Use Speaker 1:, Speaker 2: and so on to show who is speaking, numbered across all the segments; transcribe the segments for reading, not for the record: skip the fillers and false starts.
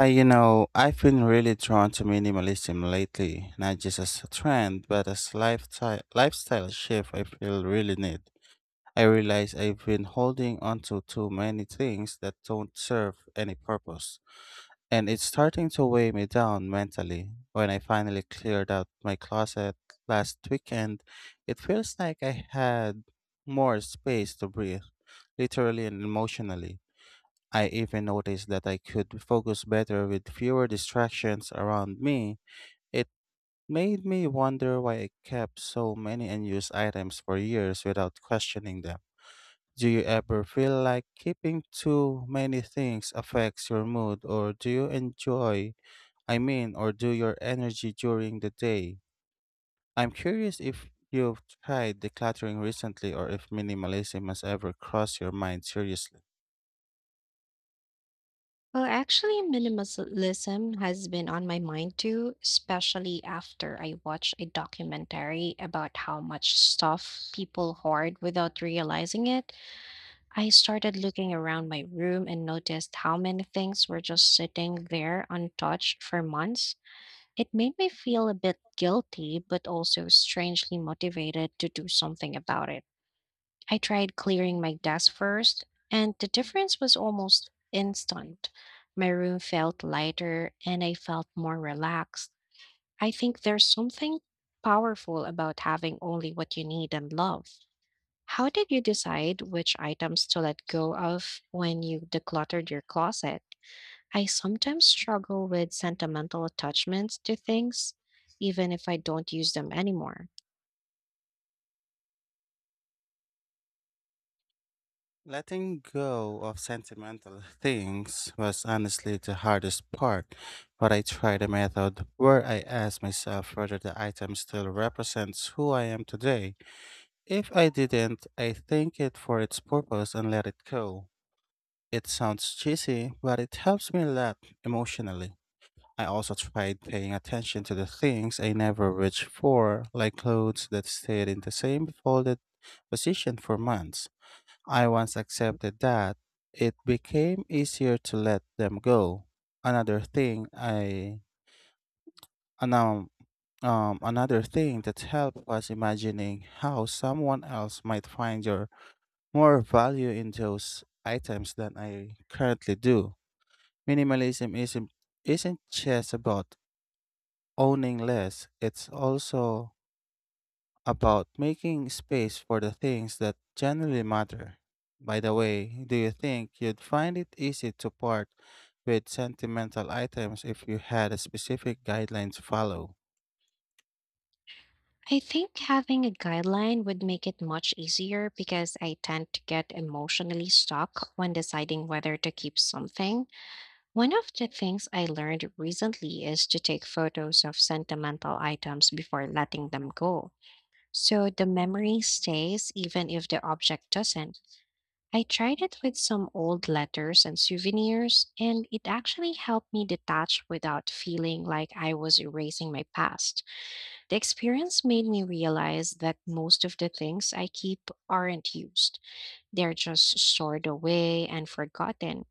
Speaker 1: I've been really drawn to minimalism lately, not just as a trend, but as lifestyle shift I feel really need. I realize I've been holding onto too many things that don't serve any purpose, and it's starting to weigh me down mentally. When I finally cleared out my closet last weekend, it feels like I had more space to breathe, literally and emotionally. I even noticed that I could focus better with fewer distractions around me. It made me wonder why I kept so many unused items for years without questioning them. Do you ever feel like keeping too many things affects your mood, or do your energy during the day? I'm curious if you've tried decluttering recently or if minimalism has ever crossed your mind seriously.
Speaker 2: Well, actually, minimalism has been on my mind too, especially after I watched a documentary about how much stuff people hoard without realizing it. I started looking around my room and noticed how many things were just sitting there untouched for months. It made me feel a bit guilty, but also strangely motivated to do something about it. I tried clearing my desk first, and the difference was almost instant. My room felt lighter and I felt more relaxed. I think there's something powerful about having only what you need and love. How did you decide which items to let go of when you decluttered your closet? I sometimes struggle with sentimental attachments to things, even if I don't use them anymore.
Speaker 1: Letting go of sentimental things was honestly the hardest part, but I tried a method where I asked myself whether the item still represents who I am today. If I didn't, I thank it for its purpose and let it go. It sounds cheesy, but it helps me a lot emotionally. I also tried paying attention to the things I never reached for, like clothes that stayed in the same folded position for months. I once accepted that it became easier to let them go. Another thing I anum, another thing that helped was imagining how someone else might find your more value in those items than I currently do. Minimalism isn't just about owning less, it's also about making space for the things that generally matter. By the way, do you think you'd find it easy to part with sentimental items if you had a specific guideline to follow?
Speaker 2: I think having a guideline would make it much easier because I tend to get emotionally stuck when deciding whether to keep something. One of the things I learned recently is to take photos of sentimental items before letting them go, so the memory stays even if the object doesn't. I tried it with some old letters and souvenirs, and it actually helped me detach without feeling like I was erasing my past. The experience made me realize that most of the things I keep aren't used. They're just stored away and forgotten.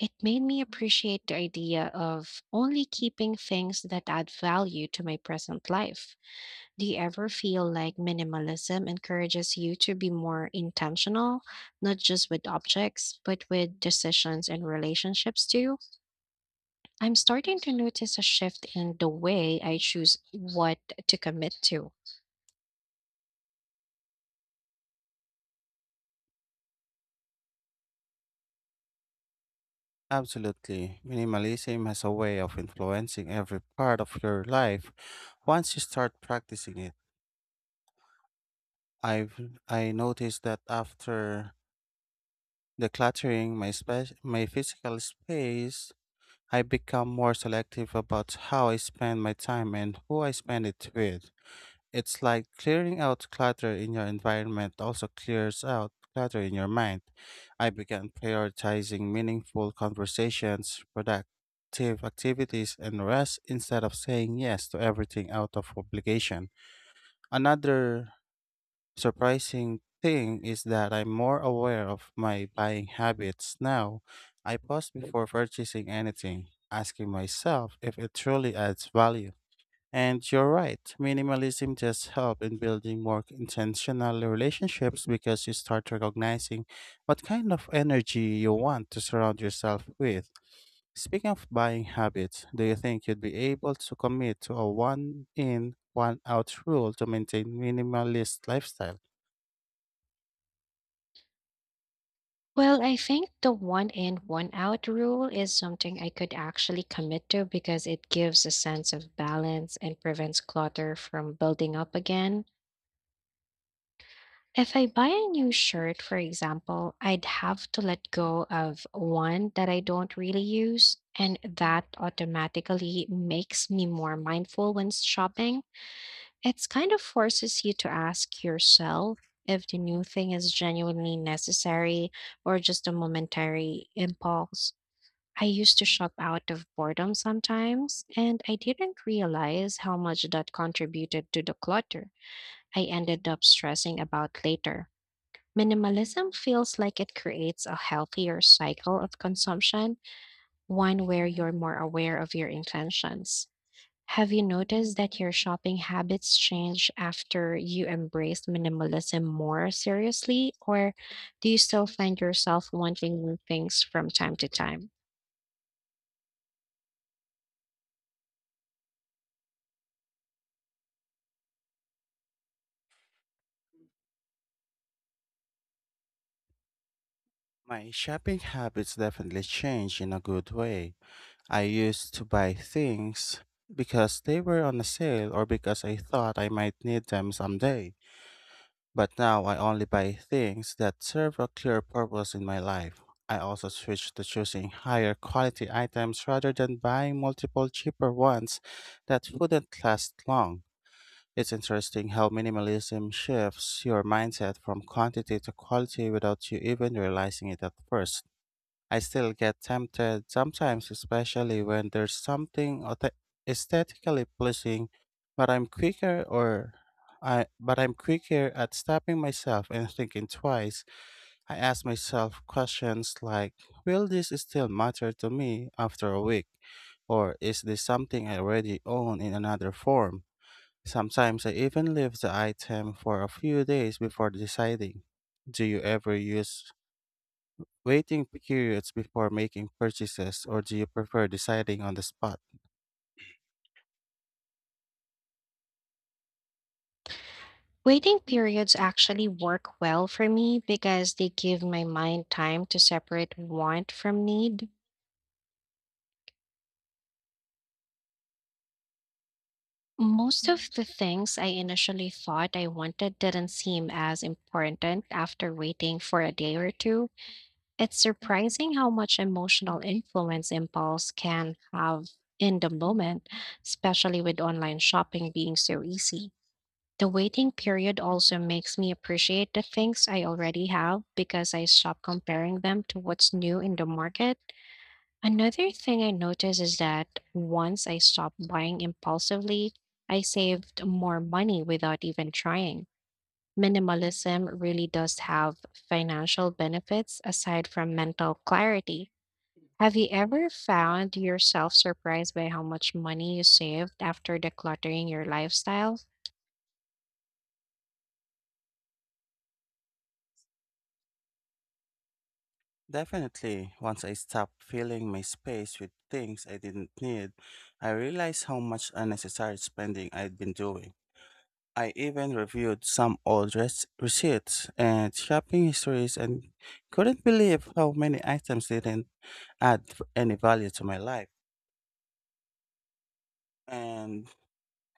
Speaker 2: It made me appreciate the idea of only keeping things that add value to my present life. Do you ever feel like minimalism encourages you to be more intentional, not just with objects, but with decisions and relationships too? I'm starting to notice a shift in the way I choose what to commit to.
Speaker 1: Absolutely. Minimalism has a way of influencing every part of your life once you start practicing it. I've I noticed that after decluttering my physical space, I become more selective about how I spend my time and who I spend it with. It's like clearing out clutter in your environment also clears out clutter in your mind. I began prioritizing meaningful conversations, productive activities, and rest instead of saying yes to everything out of obligation. Another surprising thing is that I'm more aware of my buying habits now. I pause before purchasing anything, asking myself if it truly adds value. And you're right, minimalism just helps in building more intentional relationships because you start recognizing what kind of energy you want to surround yourself with. Speaking of buying habits, do you think you'd be able to commit to a one in, one out rule to maintain minimalist lifestyle?
Speaker 2: Well, I think the one in, one out rule is something I could actually commit to because it gives a sense of balance and prevents clutter from building up again. If I buy a new shirt, for example, I'd have to let go of one that I don't really use, and that automatically makes me more mindful when shopping. It's kind of forces you to ask yourself if the new thing is genuinely necessary or just a momentary impulse. I used to shop out of boredom sometimes, and I didn't realize how much that contributed to the clutter I ended up stressing about later. Minimalism feels like it creates a healthier cycle of consumption, one where you're more aware of your intentions. Have you noticed that your shopping habits change after you embraced minimalism more seriously, or do you still find yourself wanting new things from time to time?
Speaker 1: My shopping habits definitely changed in a good way. I used to buy things because they were on a sale or because I thought I might need them someday. But now I only buy things that serve a clear purpose in my life. I also switched to choosing higher quality items rather than buying multiple cheaper ones that wouldn't last long. It's interesting how minimalism shifts your mindset from quantity to quality without you even realizing it at first. I still get tempted sometimes, especially when there's something aesthetically pleasing, but I'm quicker or I but I'm quicker at stopping myself and thinking twice. I ask myself questions like, will this still matter to me after a week? Or is this something I already own in another form? Sometimes I even leave the item for a few days before deciding. Do you ever use waiting periods before making purchases, or do you prefer deciding on the spot?
Speaker 2: Waiting periods actually work well for me because they give my mind time to separate want from need. Most of the things I initially thought I wanted didn't seem as important after waiting for a day or two. It's surprising how much emotional influence impulse can have in the moment, especially with online shopping being so easy. The waiting period also makes me appreciate the things I already have because I stop comparing them to what's new in the market. Another thing I notice is that once I stop buying impulsively, I saved more money without even trying. Minimalism really does have financial benefits aside from mental clarity. Have you ever found yourself surprised by how much money you saved after decluttering your lifestyle?
Speaker 1: Definitely, once I stopped filling my space with things I didn't need, I realized how much unnecessary spending I'd been doing. I even reviewed some receipts and shopping histories and couldn't believe how many items didn't any value to my life. And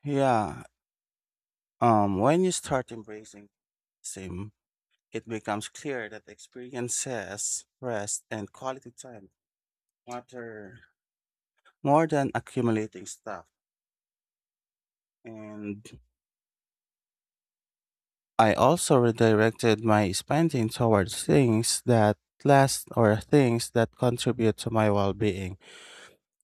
Speaker 1: yeah, when you start embracing same it becomes clear that experiences, rest, and quality time matter more than accumulating stuff. And I also redirected my spending towards things that last or things that contribute to my well being.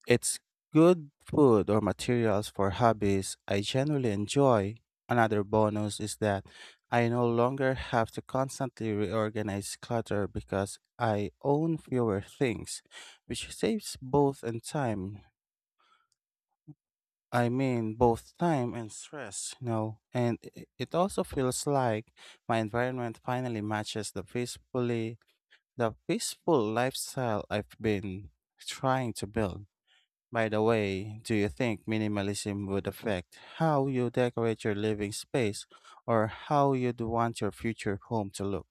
Speaker 1: It's good food or materials for hobbies I genuinely enjoy. Another bonus is that I no longer have to constantly reorganize clutter because I own fewer things, which saves both in time. I mean, both time and stress, you know. And it also feels like my environment finally matches the peaceful lifestyle I've been trying to build. By the way, do you think minimalism would affect how you decorate your living space or how you'd want your future home to look?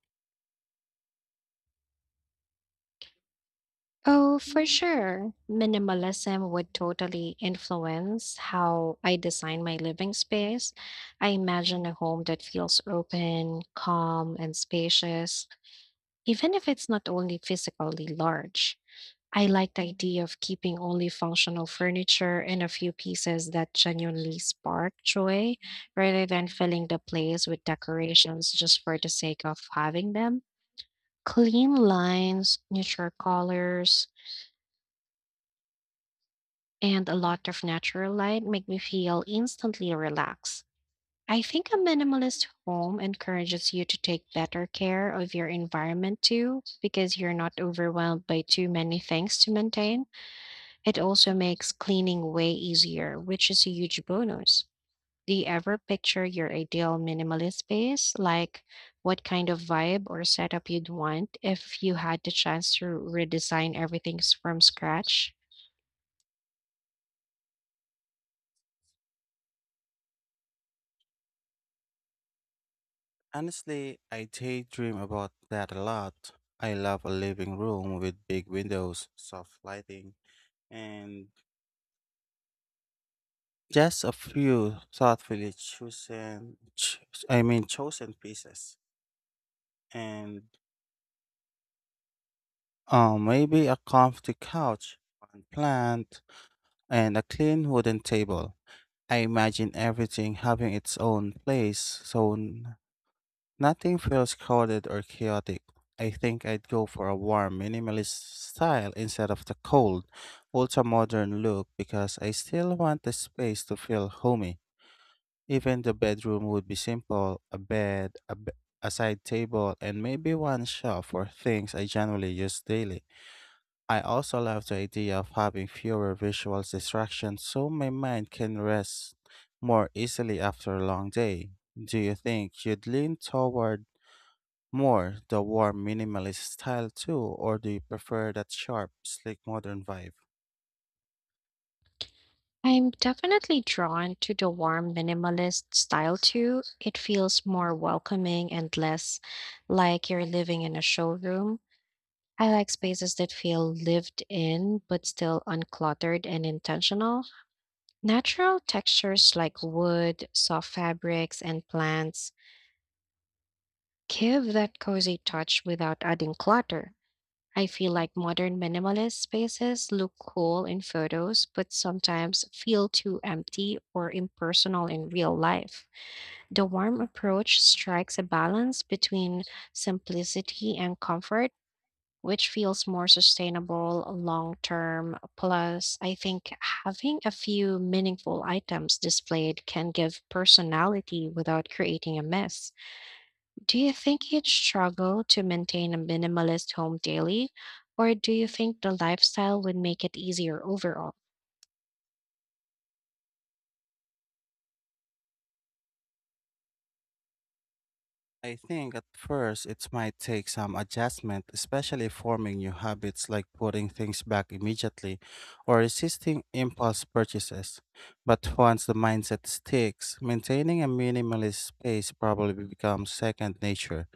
Speaker 2: Oh, for sure. Minimalism would totally influence how I design my living space. I imagine a home that feels open, calm, and spacious, even if it's not only physically large. I like the idea of keeping only functional furniture and a few pieces that genuinely spark joy, rather than filling the place with decorations just for the sake of having them. Clean lines, neutral colors, and a lot of natural light make me feel instantly relaxed. I think a minimalist home encourages you to take better care of your environment too, because you're not overwhelmed by too many things to maintain. It also makes cleaning way easier, which is a huge bonus. Do you ever picture your ideal minimalist space? Like what kind of vibe or setup you'd want if you had the chance to redesign everything from scratch?
Speaker 1: Honestly, I daydream about that a lot. I love a living room with big windows, soft lighting, and just a few thoughtfully chosen ch- I mean chosen pieces. And maybe a comfy couch, one plant, and a clean wooden table. I imagine everything having its own place, so nothing feels crowded or chaotic. I think I'd go for a warm, minimalist style instead of the cold, ultra modern look because I still want the space to feel homey. Even the bedroom would be simple a a side table, and maybe one shelf for things I generally use daily. I also love the idea of having fewer visual distractions so my mind can rest more easily after a long day. Do you think you'd lean toward more the warm minimalist style too, or do you prefer that sharp, sleek modern vibe?
Speaker 2: I'm definitely drawn to the warm minimalist style too. It feels more welcoming and less like you're living in a showroom. I like spaces that feel lived in but still uncluttered and intentional. Natural textures like wood, soft fabrics, and plants give that cozy touch without adding clutter. I feel like modern minimalist spaces look cool in photos, but sometimes feel too empty or impersonal in real life. The warm approach strikes a balance between simplicity and comfort, which feels more sustainable long term. Plus, I think having a few meaningful items displayed can give personality without creating a mess. Do you think you'd struggle to maintain a minimalist home daily, or do you think the lifestyle would make it easier overall?
Speaker 1: I think at first it might take some adjustment, especially forming new habits like putting things back immediately or resisting impulse purchases. But once the mindset sticks, maintaining a minimalist space probably becomes second nature.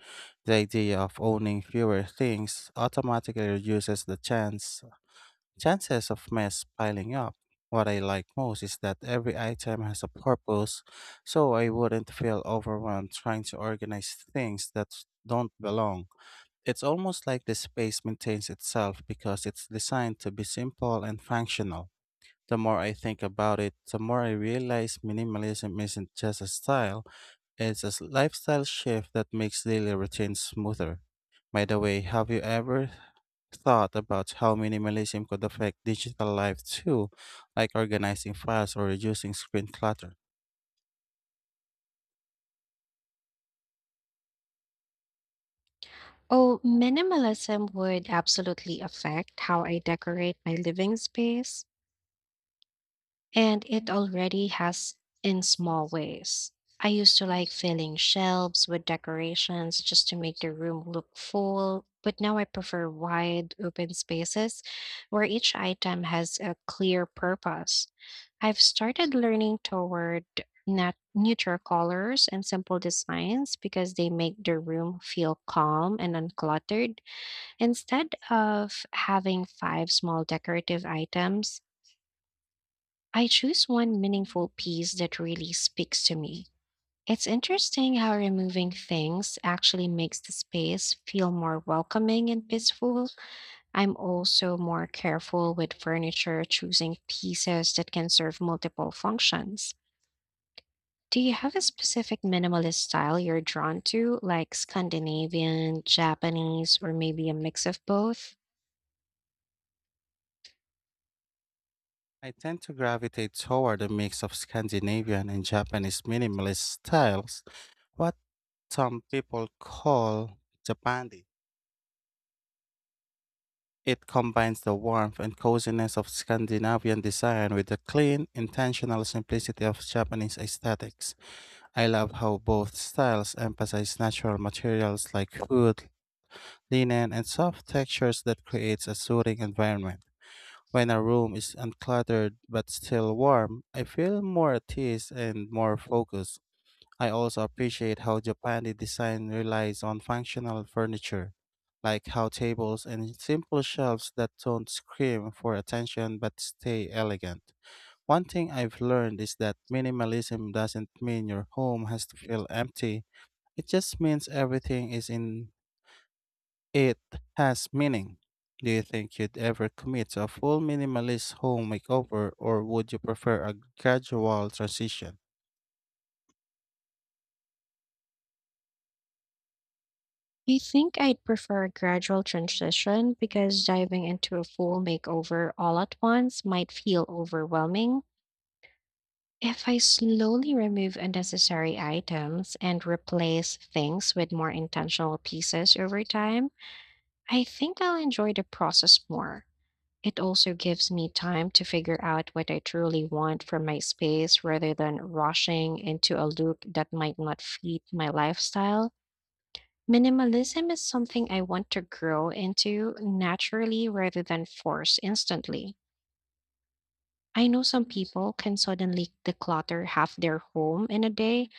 Speaker 1: The idea of owning fewer things automatically reduces the chances of mess piling up. What I like most is that every item has a purpose, so I wouldn't feel overwhelmed trying to organize things that don't belong. It's almost like the space maintains itself because it's designed to be simple and functional. The more I think about it, the more I realize minimalism isn't just a style, it's a lifestyle shift that makes daily routines smoother. By the way, have you ever thought about how minimalism could affect digital life too, like organizing files or reducing screen clutter?
Speaker 2: Oh, minimalism would absolutely affect how I decorate my living space. And it already has in small ways. I used to like filling shelves with decorations just to make the room look full, but now I prefer wide, open spaces where each item has a clear purpose. I've started learning toward neutral colors and simple designs because they make the room feel calm and uncluttered. Instead of having five small decorative items, I choose one meaningful piece that really speaks to me. It's interesting how removing things actually makes the space feel more welcoming and peaceful. I'm also more careful with furniture, choosing pieces that can serve multiple functions. Do you have a specific minimalist style you're drawn to, like Scandinavian, Japanese, or maybe a mix of both?
Speaker 1: I tend to gravitate toward a mix of Scandinavian and Japanese minimalist styles, what some people call Japandi. It combines the warmth and coziness of Scandinavian design with the clean, intentional simplicity of Japanese aesthetics. I love how both styles emphasize natural materials like wood, linen, and soft textures that creates a soothing environment. When a room is uncluttered but still warm, I feel more at ease and more focused. I also appreciate how Japanese design relies on functional furniture, like how tables and simple shelves that don't scream for attention but stay elegant. One thing I've learned is that minimalism doesn't mean your home has to feel empty. It just means everything is in it has meaning. Do you think you'd ever commit to a full minimalist home makeover or would you prefer a gradual transition?
Speaker 2: I think I'd prefer a gradual transition because diving into a full makeover all at once might feel overwhelming. If I slowly remove unnecessary items and replace things with more intentional pieces over time, I think I'll enjoy the process more. It also gives me time to figure out what I truly want from my space rather than rushing into a look that might not fit my lifestyle. Minimalism is something I want to grow into naturally rather than force instantly. I know some people can suddenly declutter half their home in a day,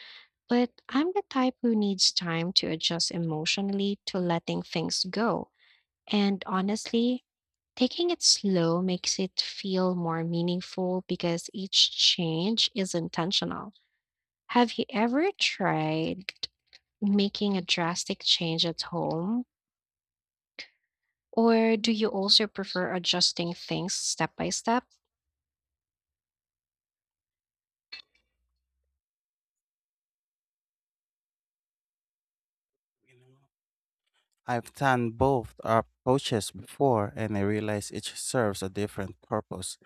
Speaker 2: but I'm the type who needs time to adjust emotionally to letting things go. And honestly, taking it slow makes it feel more meaningful because each change is intentional. Have you ever tried making a drastic change at home? Or do you also prefer adjusting things step by step?
Speaker 1: I've done both approaches before, and I realize each serves a different purpose.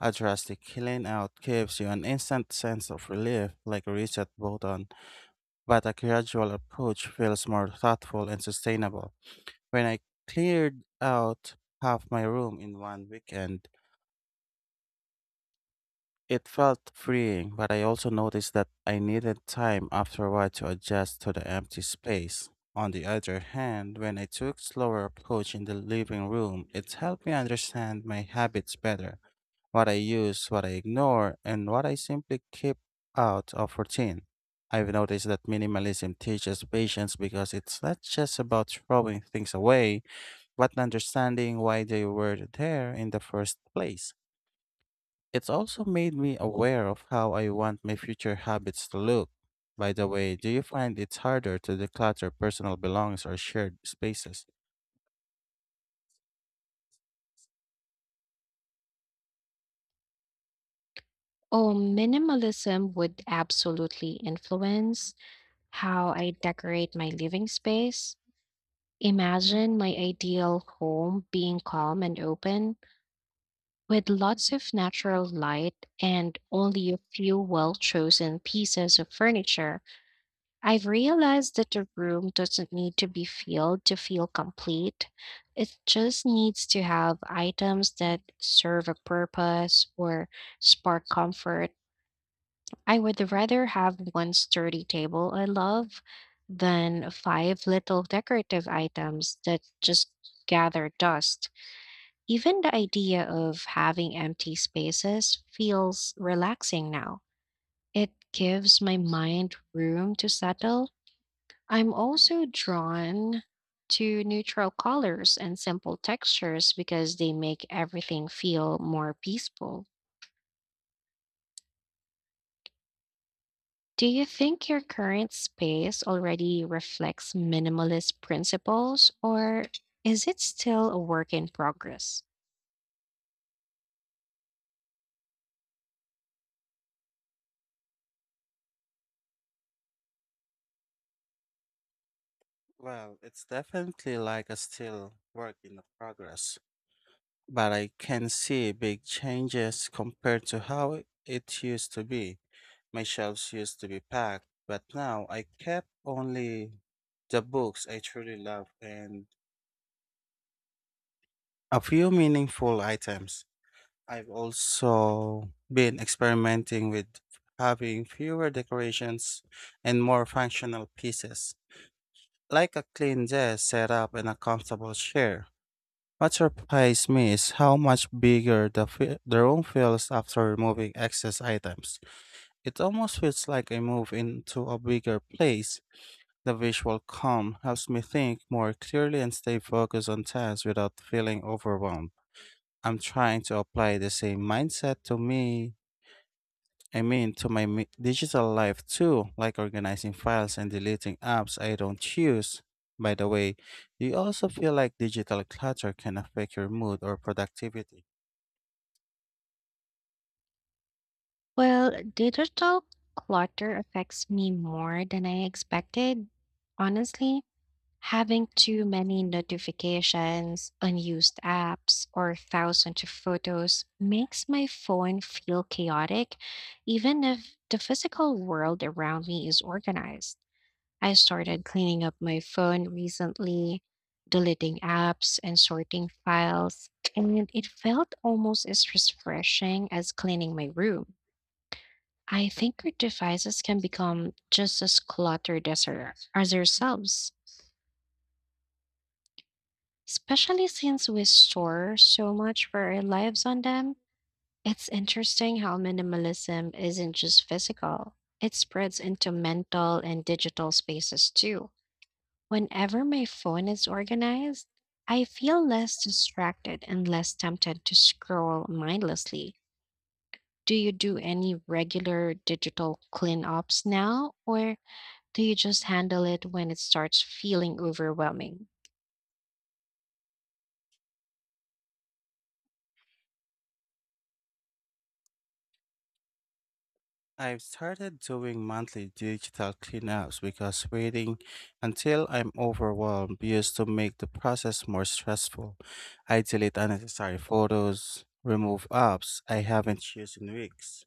Speaker 1: A drastic clean out gives you an instant sense of relief, like a reset button, but a gradual approach feels more thoughtful and sustainable. When I cleared out half my room in one weekend, it felt freeing, but I also noticed that I needed time after a while to adjust to the empty space. On the other hand, when I took slower approach in the living room, it helped me understand my habits better, what I use, what I ignore, and what I simply keep out of routine. I've noticed that minimalism teaches patience because it's not just about throwing things away, but understanding why they were there in the first place. It's also made me aware of how I want my future habits to look. By the way, do you find it's harder to declutter personal belongings or shared spaces?
Speaker 2: Oh, minimalism would absolutely influence how I decorate my living space. Imagine my ideal home being calm and open, with lots of natural light and only a few well chosen pieces of furniture. I've realized that a room doesn't need to be filled to feel complete. It just needs to have items that serve a purpose or spark comfort. I would rather have one sturdy table I love than five little decorative items that just gather dust. Even the idea of having empty spaces feels relaxing now. It gives my mind room to settle. I'm also drawn to neutral colors and simple textures because they make everything feel more peaceful. Do you think your current space already reflects minimalist principles, or is it still a work in progress?
Speaker 1: Well, it's definitely like a still work in progress, but I can see big changes compared to how it used to be. My shelves used to be packed, but now I kept only the books I truly love and a few meaningful items. I've also been experimenting with having fewer decorations and more functional pieces, like a clean desk set up and a comfortable chair. What surprised me is how much bigger the room feels after removing excess items. It almost feels like I move into a bigger place. The visual calm helps me think more clearly and stay focused on tasks without feeling overwhelmed. I'm trying to apply the same mindset to me I mean, to my mi- digital life too, like organizing files and deleting apps I don't use. By the way, do you also feel like digital clutter can affect your mood or productivity?
Speaker 2: Well, digital clutter affects me more than I expected, honestly. Having too many notifications, unused apps, or thousands of photos makes my phone feel chaotic, even if the physical world around me is organized. I started cleaning up my phone recently, deleting apps and sorting files, and it felt almost as refreshing as cleaning my room. I think our devices can become just as cluttered as, as ourselves, especially since we store so much for our lives on them. It's interesting how minimalism isn't just physical, it spreads into mental and digital spaces too. Whenever my phone is organized, I feel less distracted and less tempted to scroll mindlessly. Do you do any regular digital cleanups now, or do you just handle it when it starts feeling overwhelming?
Speaker 1: I've started doing monthly digital cleanups because waiting until I'm overwhelmed used to make the process more stressful. I delete unnecessary photos, remove apps I haven't used in weeks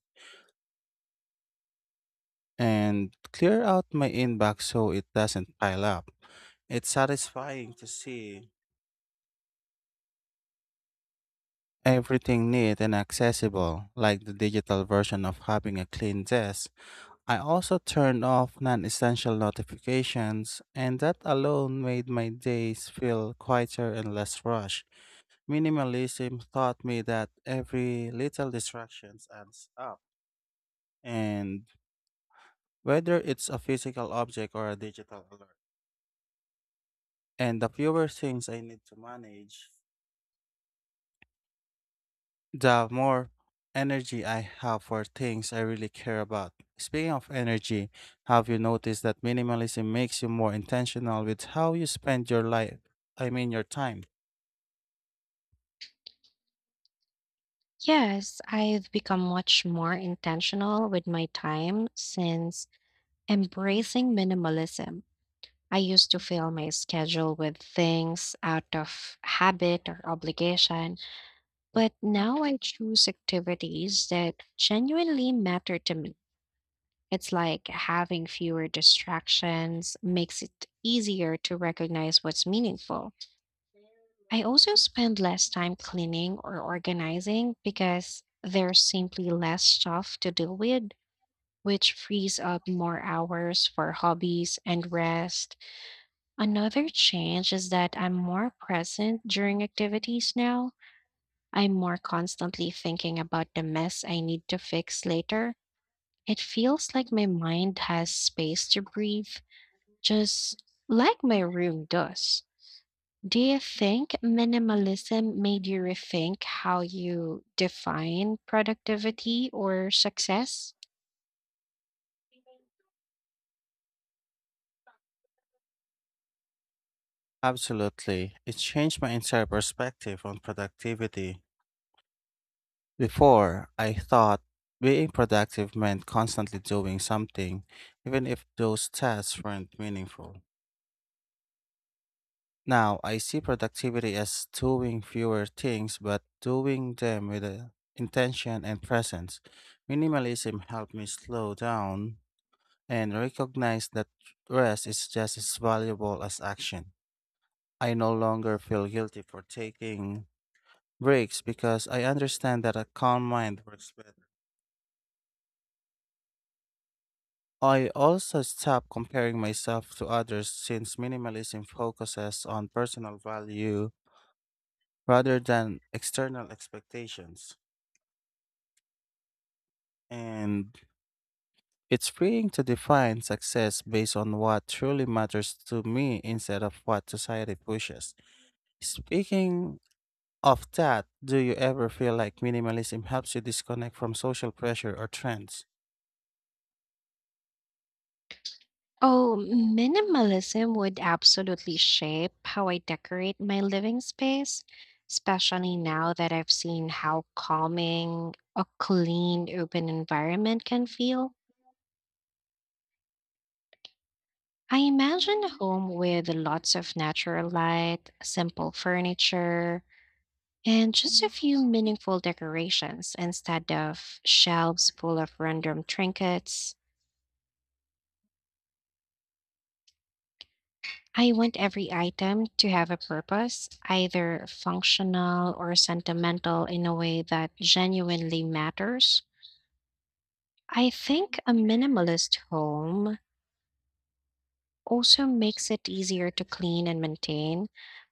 Speaker 1: and clear out my inbox so it doesn't pile up. It's satisfying to see everything neat and accessible, like the digital version of having a clean desk. I also turned off non essential notifications, and that alone made my days feel quieter and less rushed. Minimalism taught me that every little distraction adds up, and whether it's a physical object or a digital alert. And the fewer things I need to manage, the more energy I have for things I really care about. Speaking of energy, have you noticed that minimalism makes you more intentional with how you spend your your time?
Speaker 2: Yes, I've become much more intentional with my time since embracing minimalism. I used to fill my schedule with things out of habit or obligation, but now I choose activities that genuinely matter to me. It's like having fewer distractions makes it easier to recognize what's meaningful. I also spend less time cleaning or organizing because there's simply less stuff to deal with, which frees up more hours for hobbies and rest. Another change is that I'm more present during activities now. I'm more constantly thinking about the mess I need to fix later. It feels like my mind has space to breathe, just like my room does. Do you think minimalism made you rethink how you define productivity or success?
Speaker 1: Absolutely. It changed my entire perspective on productivity. Before, I thought being productive meant constantly doing something, even if those tasks weren't meaningful. Now, I see productivity as doing fewer things, but doing them with a intention and presence. Minimalism helped me slow down and recognize that rest is just as valuable as action. I no longer feel guilty for taking breaks because I understand that a calm mind works better. I also stopped comparing myself to others since minimalism focuses on personal value rather than external expectations. And it's freeing to define success based on what truly matters to me instead of what society pushes. Speaking of that, do you ever feel like minimalism helps you disconnect from social pressure or trends?
Speaker 2: Oh, minimalism would absolutely shape how I decorate my living space, especially now that I've seen how calming a clean open environment can feel. I imagine a home with lots of natural light, simple furniture, and just a few meaningful decorations instead of shelves full of random trinkets. I want every item to have a purpose, either functional or sentimental in a way that genuinely matters. I think a minimalist home also makes it easier to clean and maintain,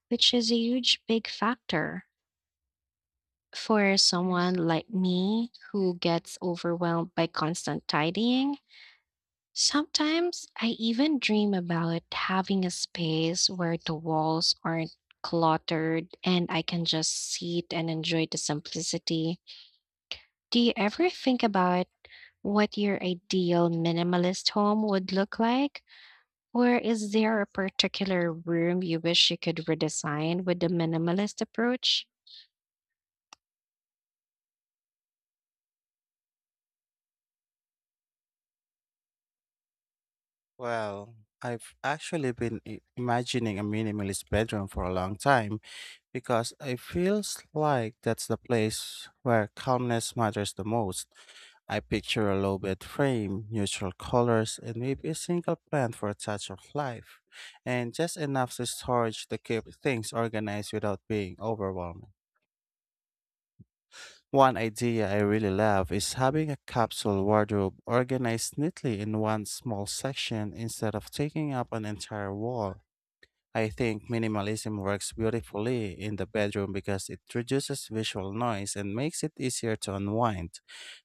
Speaker 2: which is a huge big factor for someone like me who gets overwhelmed by constant tidying. Sometimes I even dream about having a space where the walls aren't cluttered and I can just sit and enjoy the simplicity. Do you ever think about what your ideal minimalist home would look like? Or is there a particular room you wish you could redesign with the minimalist approach?
Speaker 1: Well, I've actually been imagining a minimalist bedroom for a long time because it feels like that's the place where calmness matters the most. I picture a low bed frame, neutral colors, and maybe a single plant for a touch of life, and just enough to storage to keep things organized without being overwhelming. One idea I really love is having a capsule wardrobe organized neatly in one small section instead of taking up an entire wall. I think minimalism works beautifully in the bedroom because it reduces visual noise and makes it easier to unwind.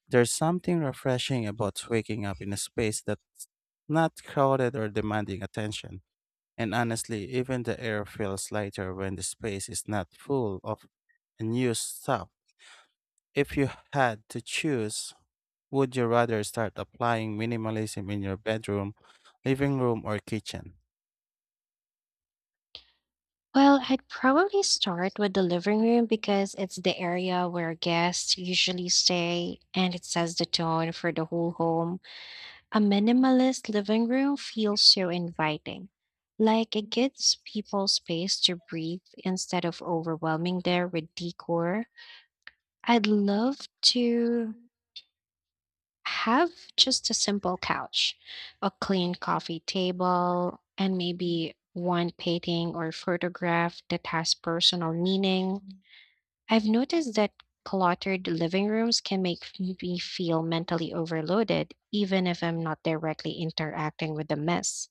Speaker 1: There's something refreshing about waking up in a space that's not crowded or demanding attention. And honestly, even the air feels lighter when the space is not full of unused stuff. If you had to choose, would you rather start applying minimalism in your bedroom, living room, or kitchen?
Speaker 2: Well, I'd probably start with the living room because it's the area where guests usually stay and it sets the tone for the whole home. A minimalist living room feels so inviting. Like it gives people space to breathe instead of overwhelming them with decor. I'd love to have just a simple couch, a clean coffee table, and maybe one painting or photograph that has personal meaning. I've noticed that cluttered living rooms can make me feel mentally overloaded, even if I'm not directly interacting with the mess.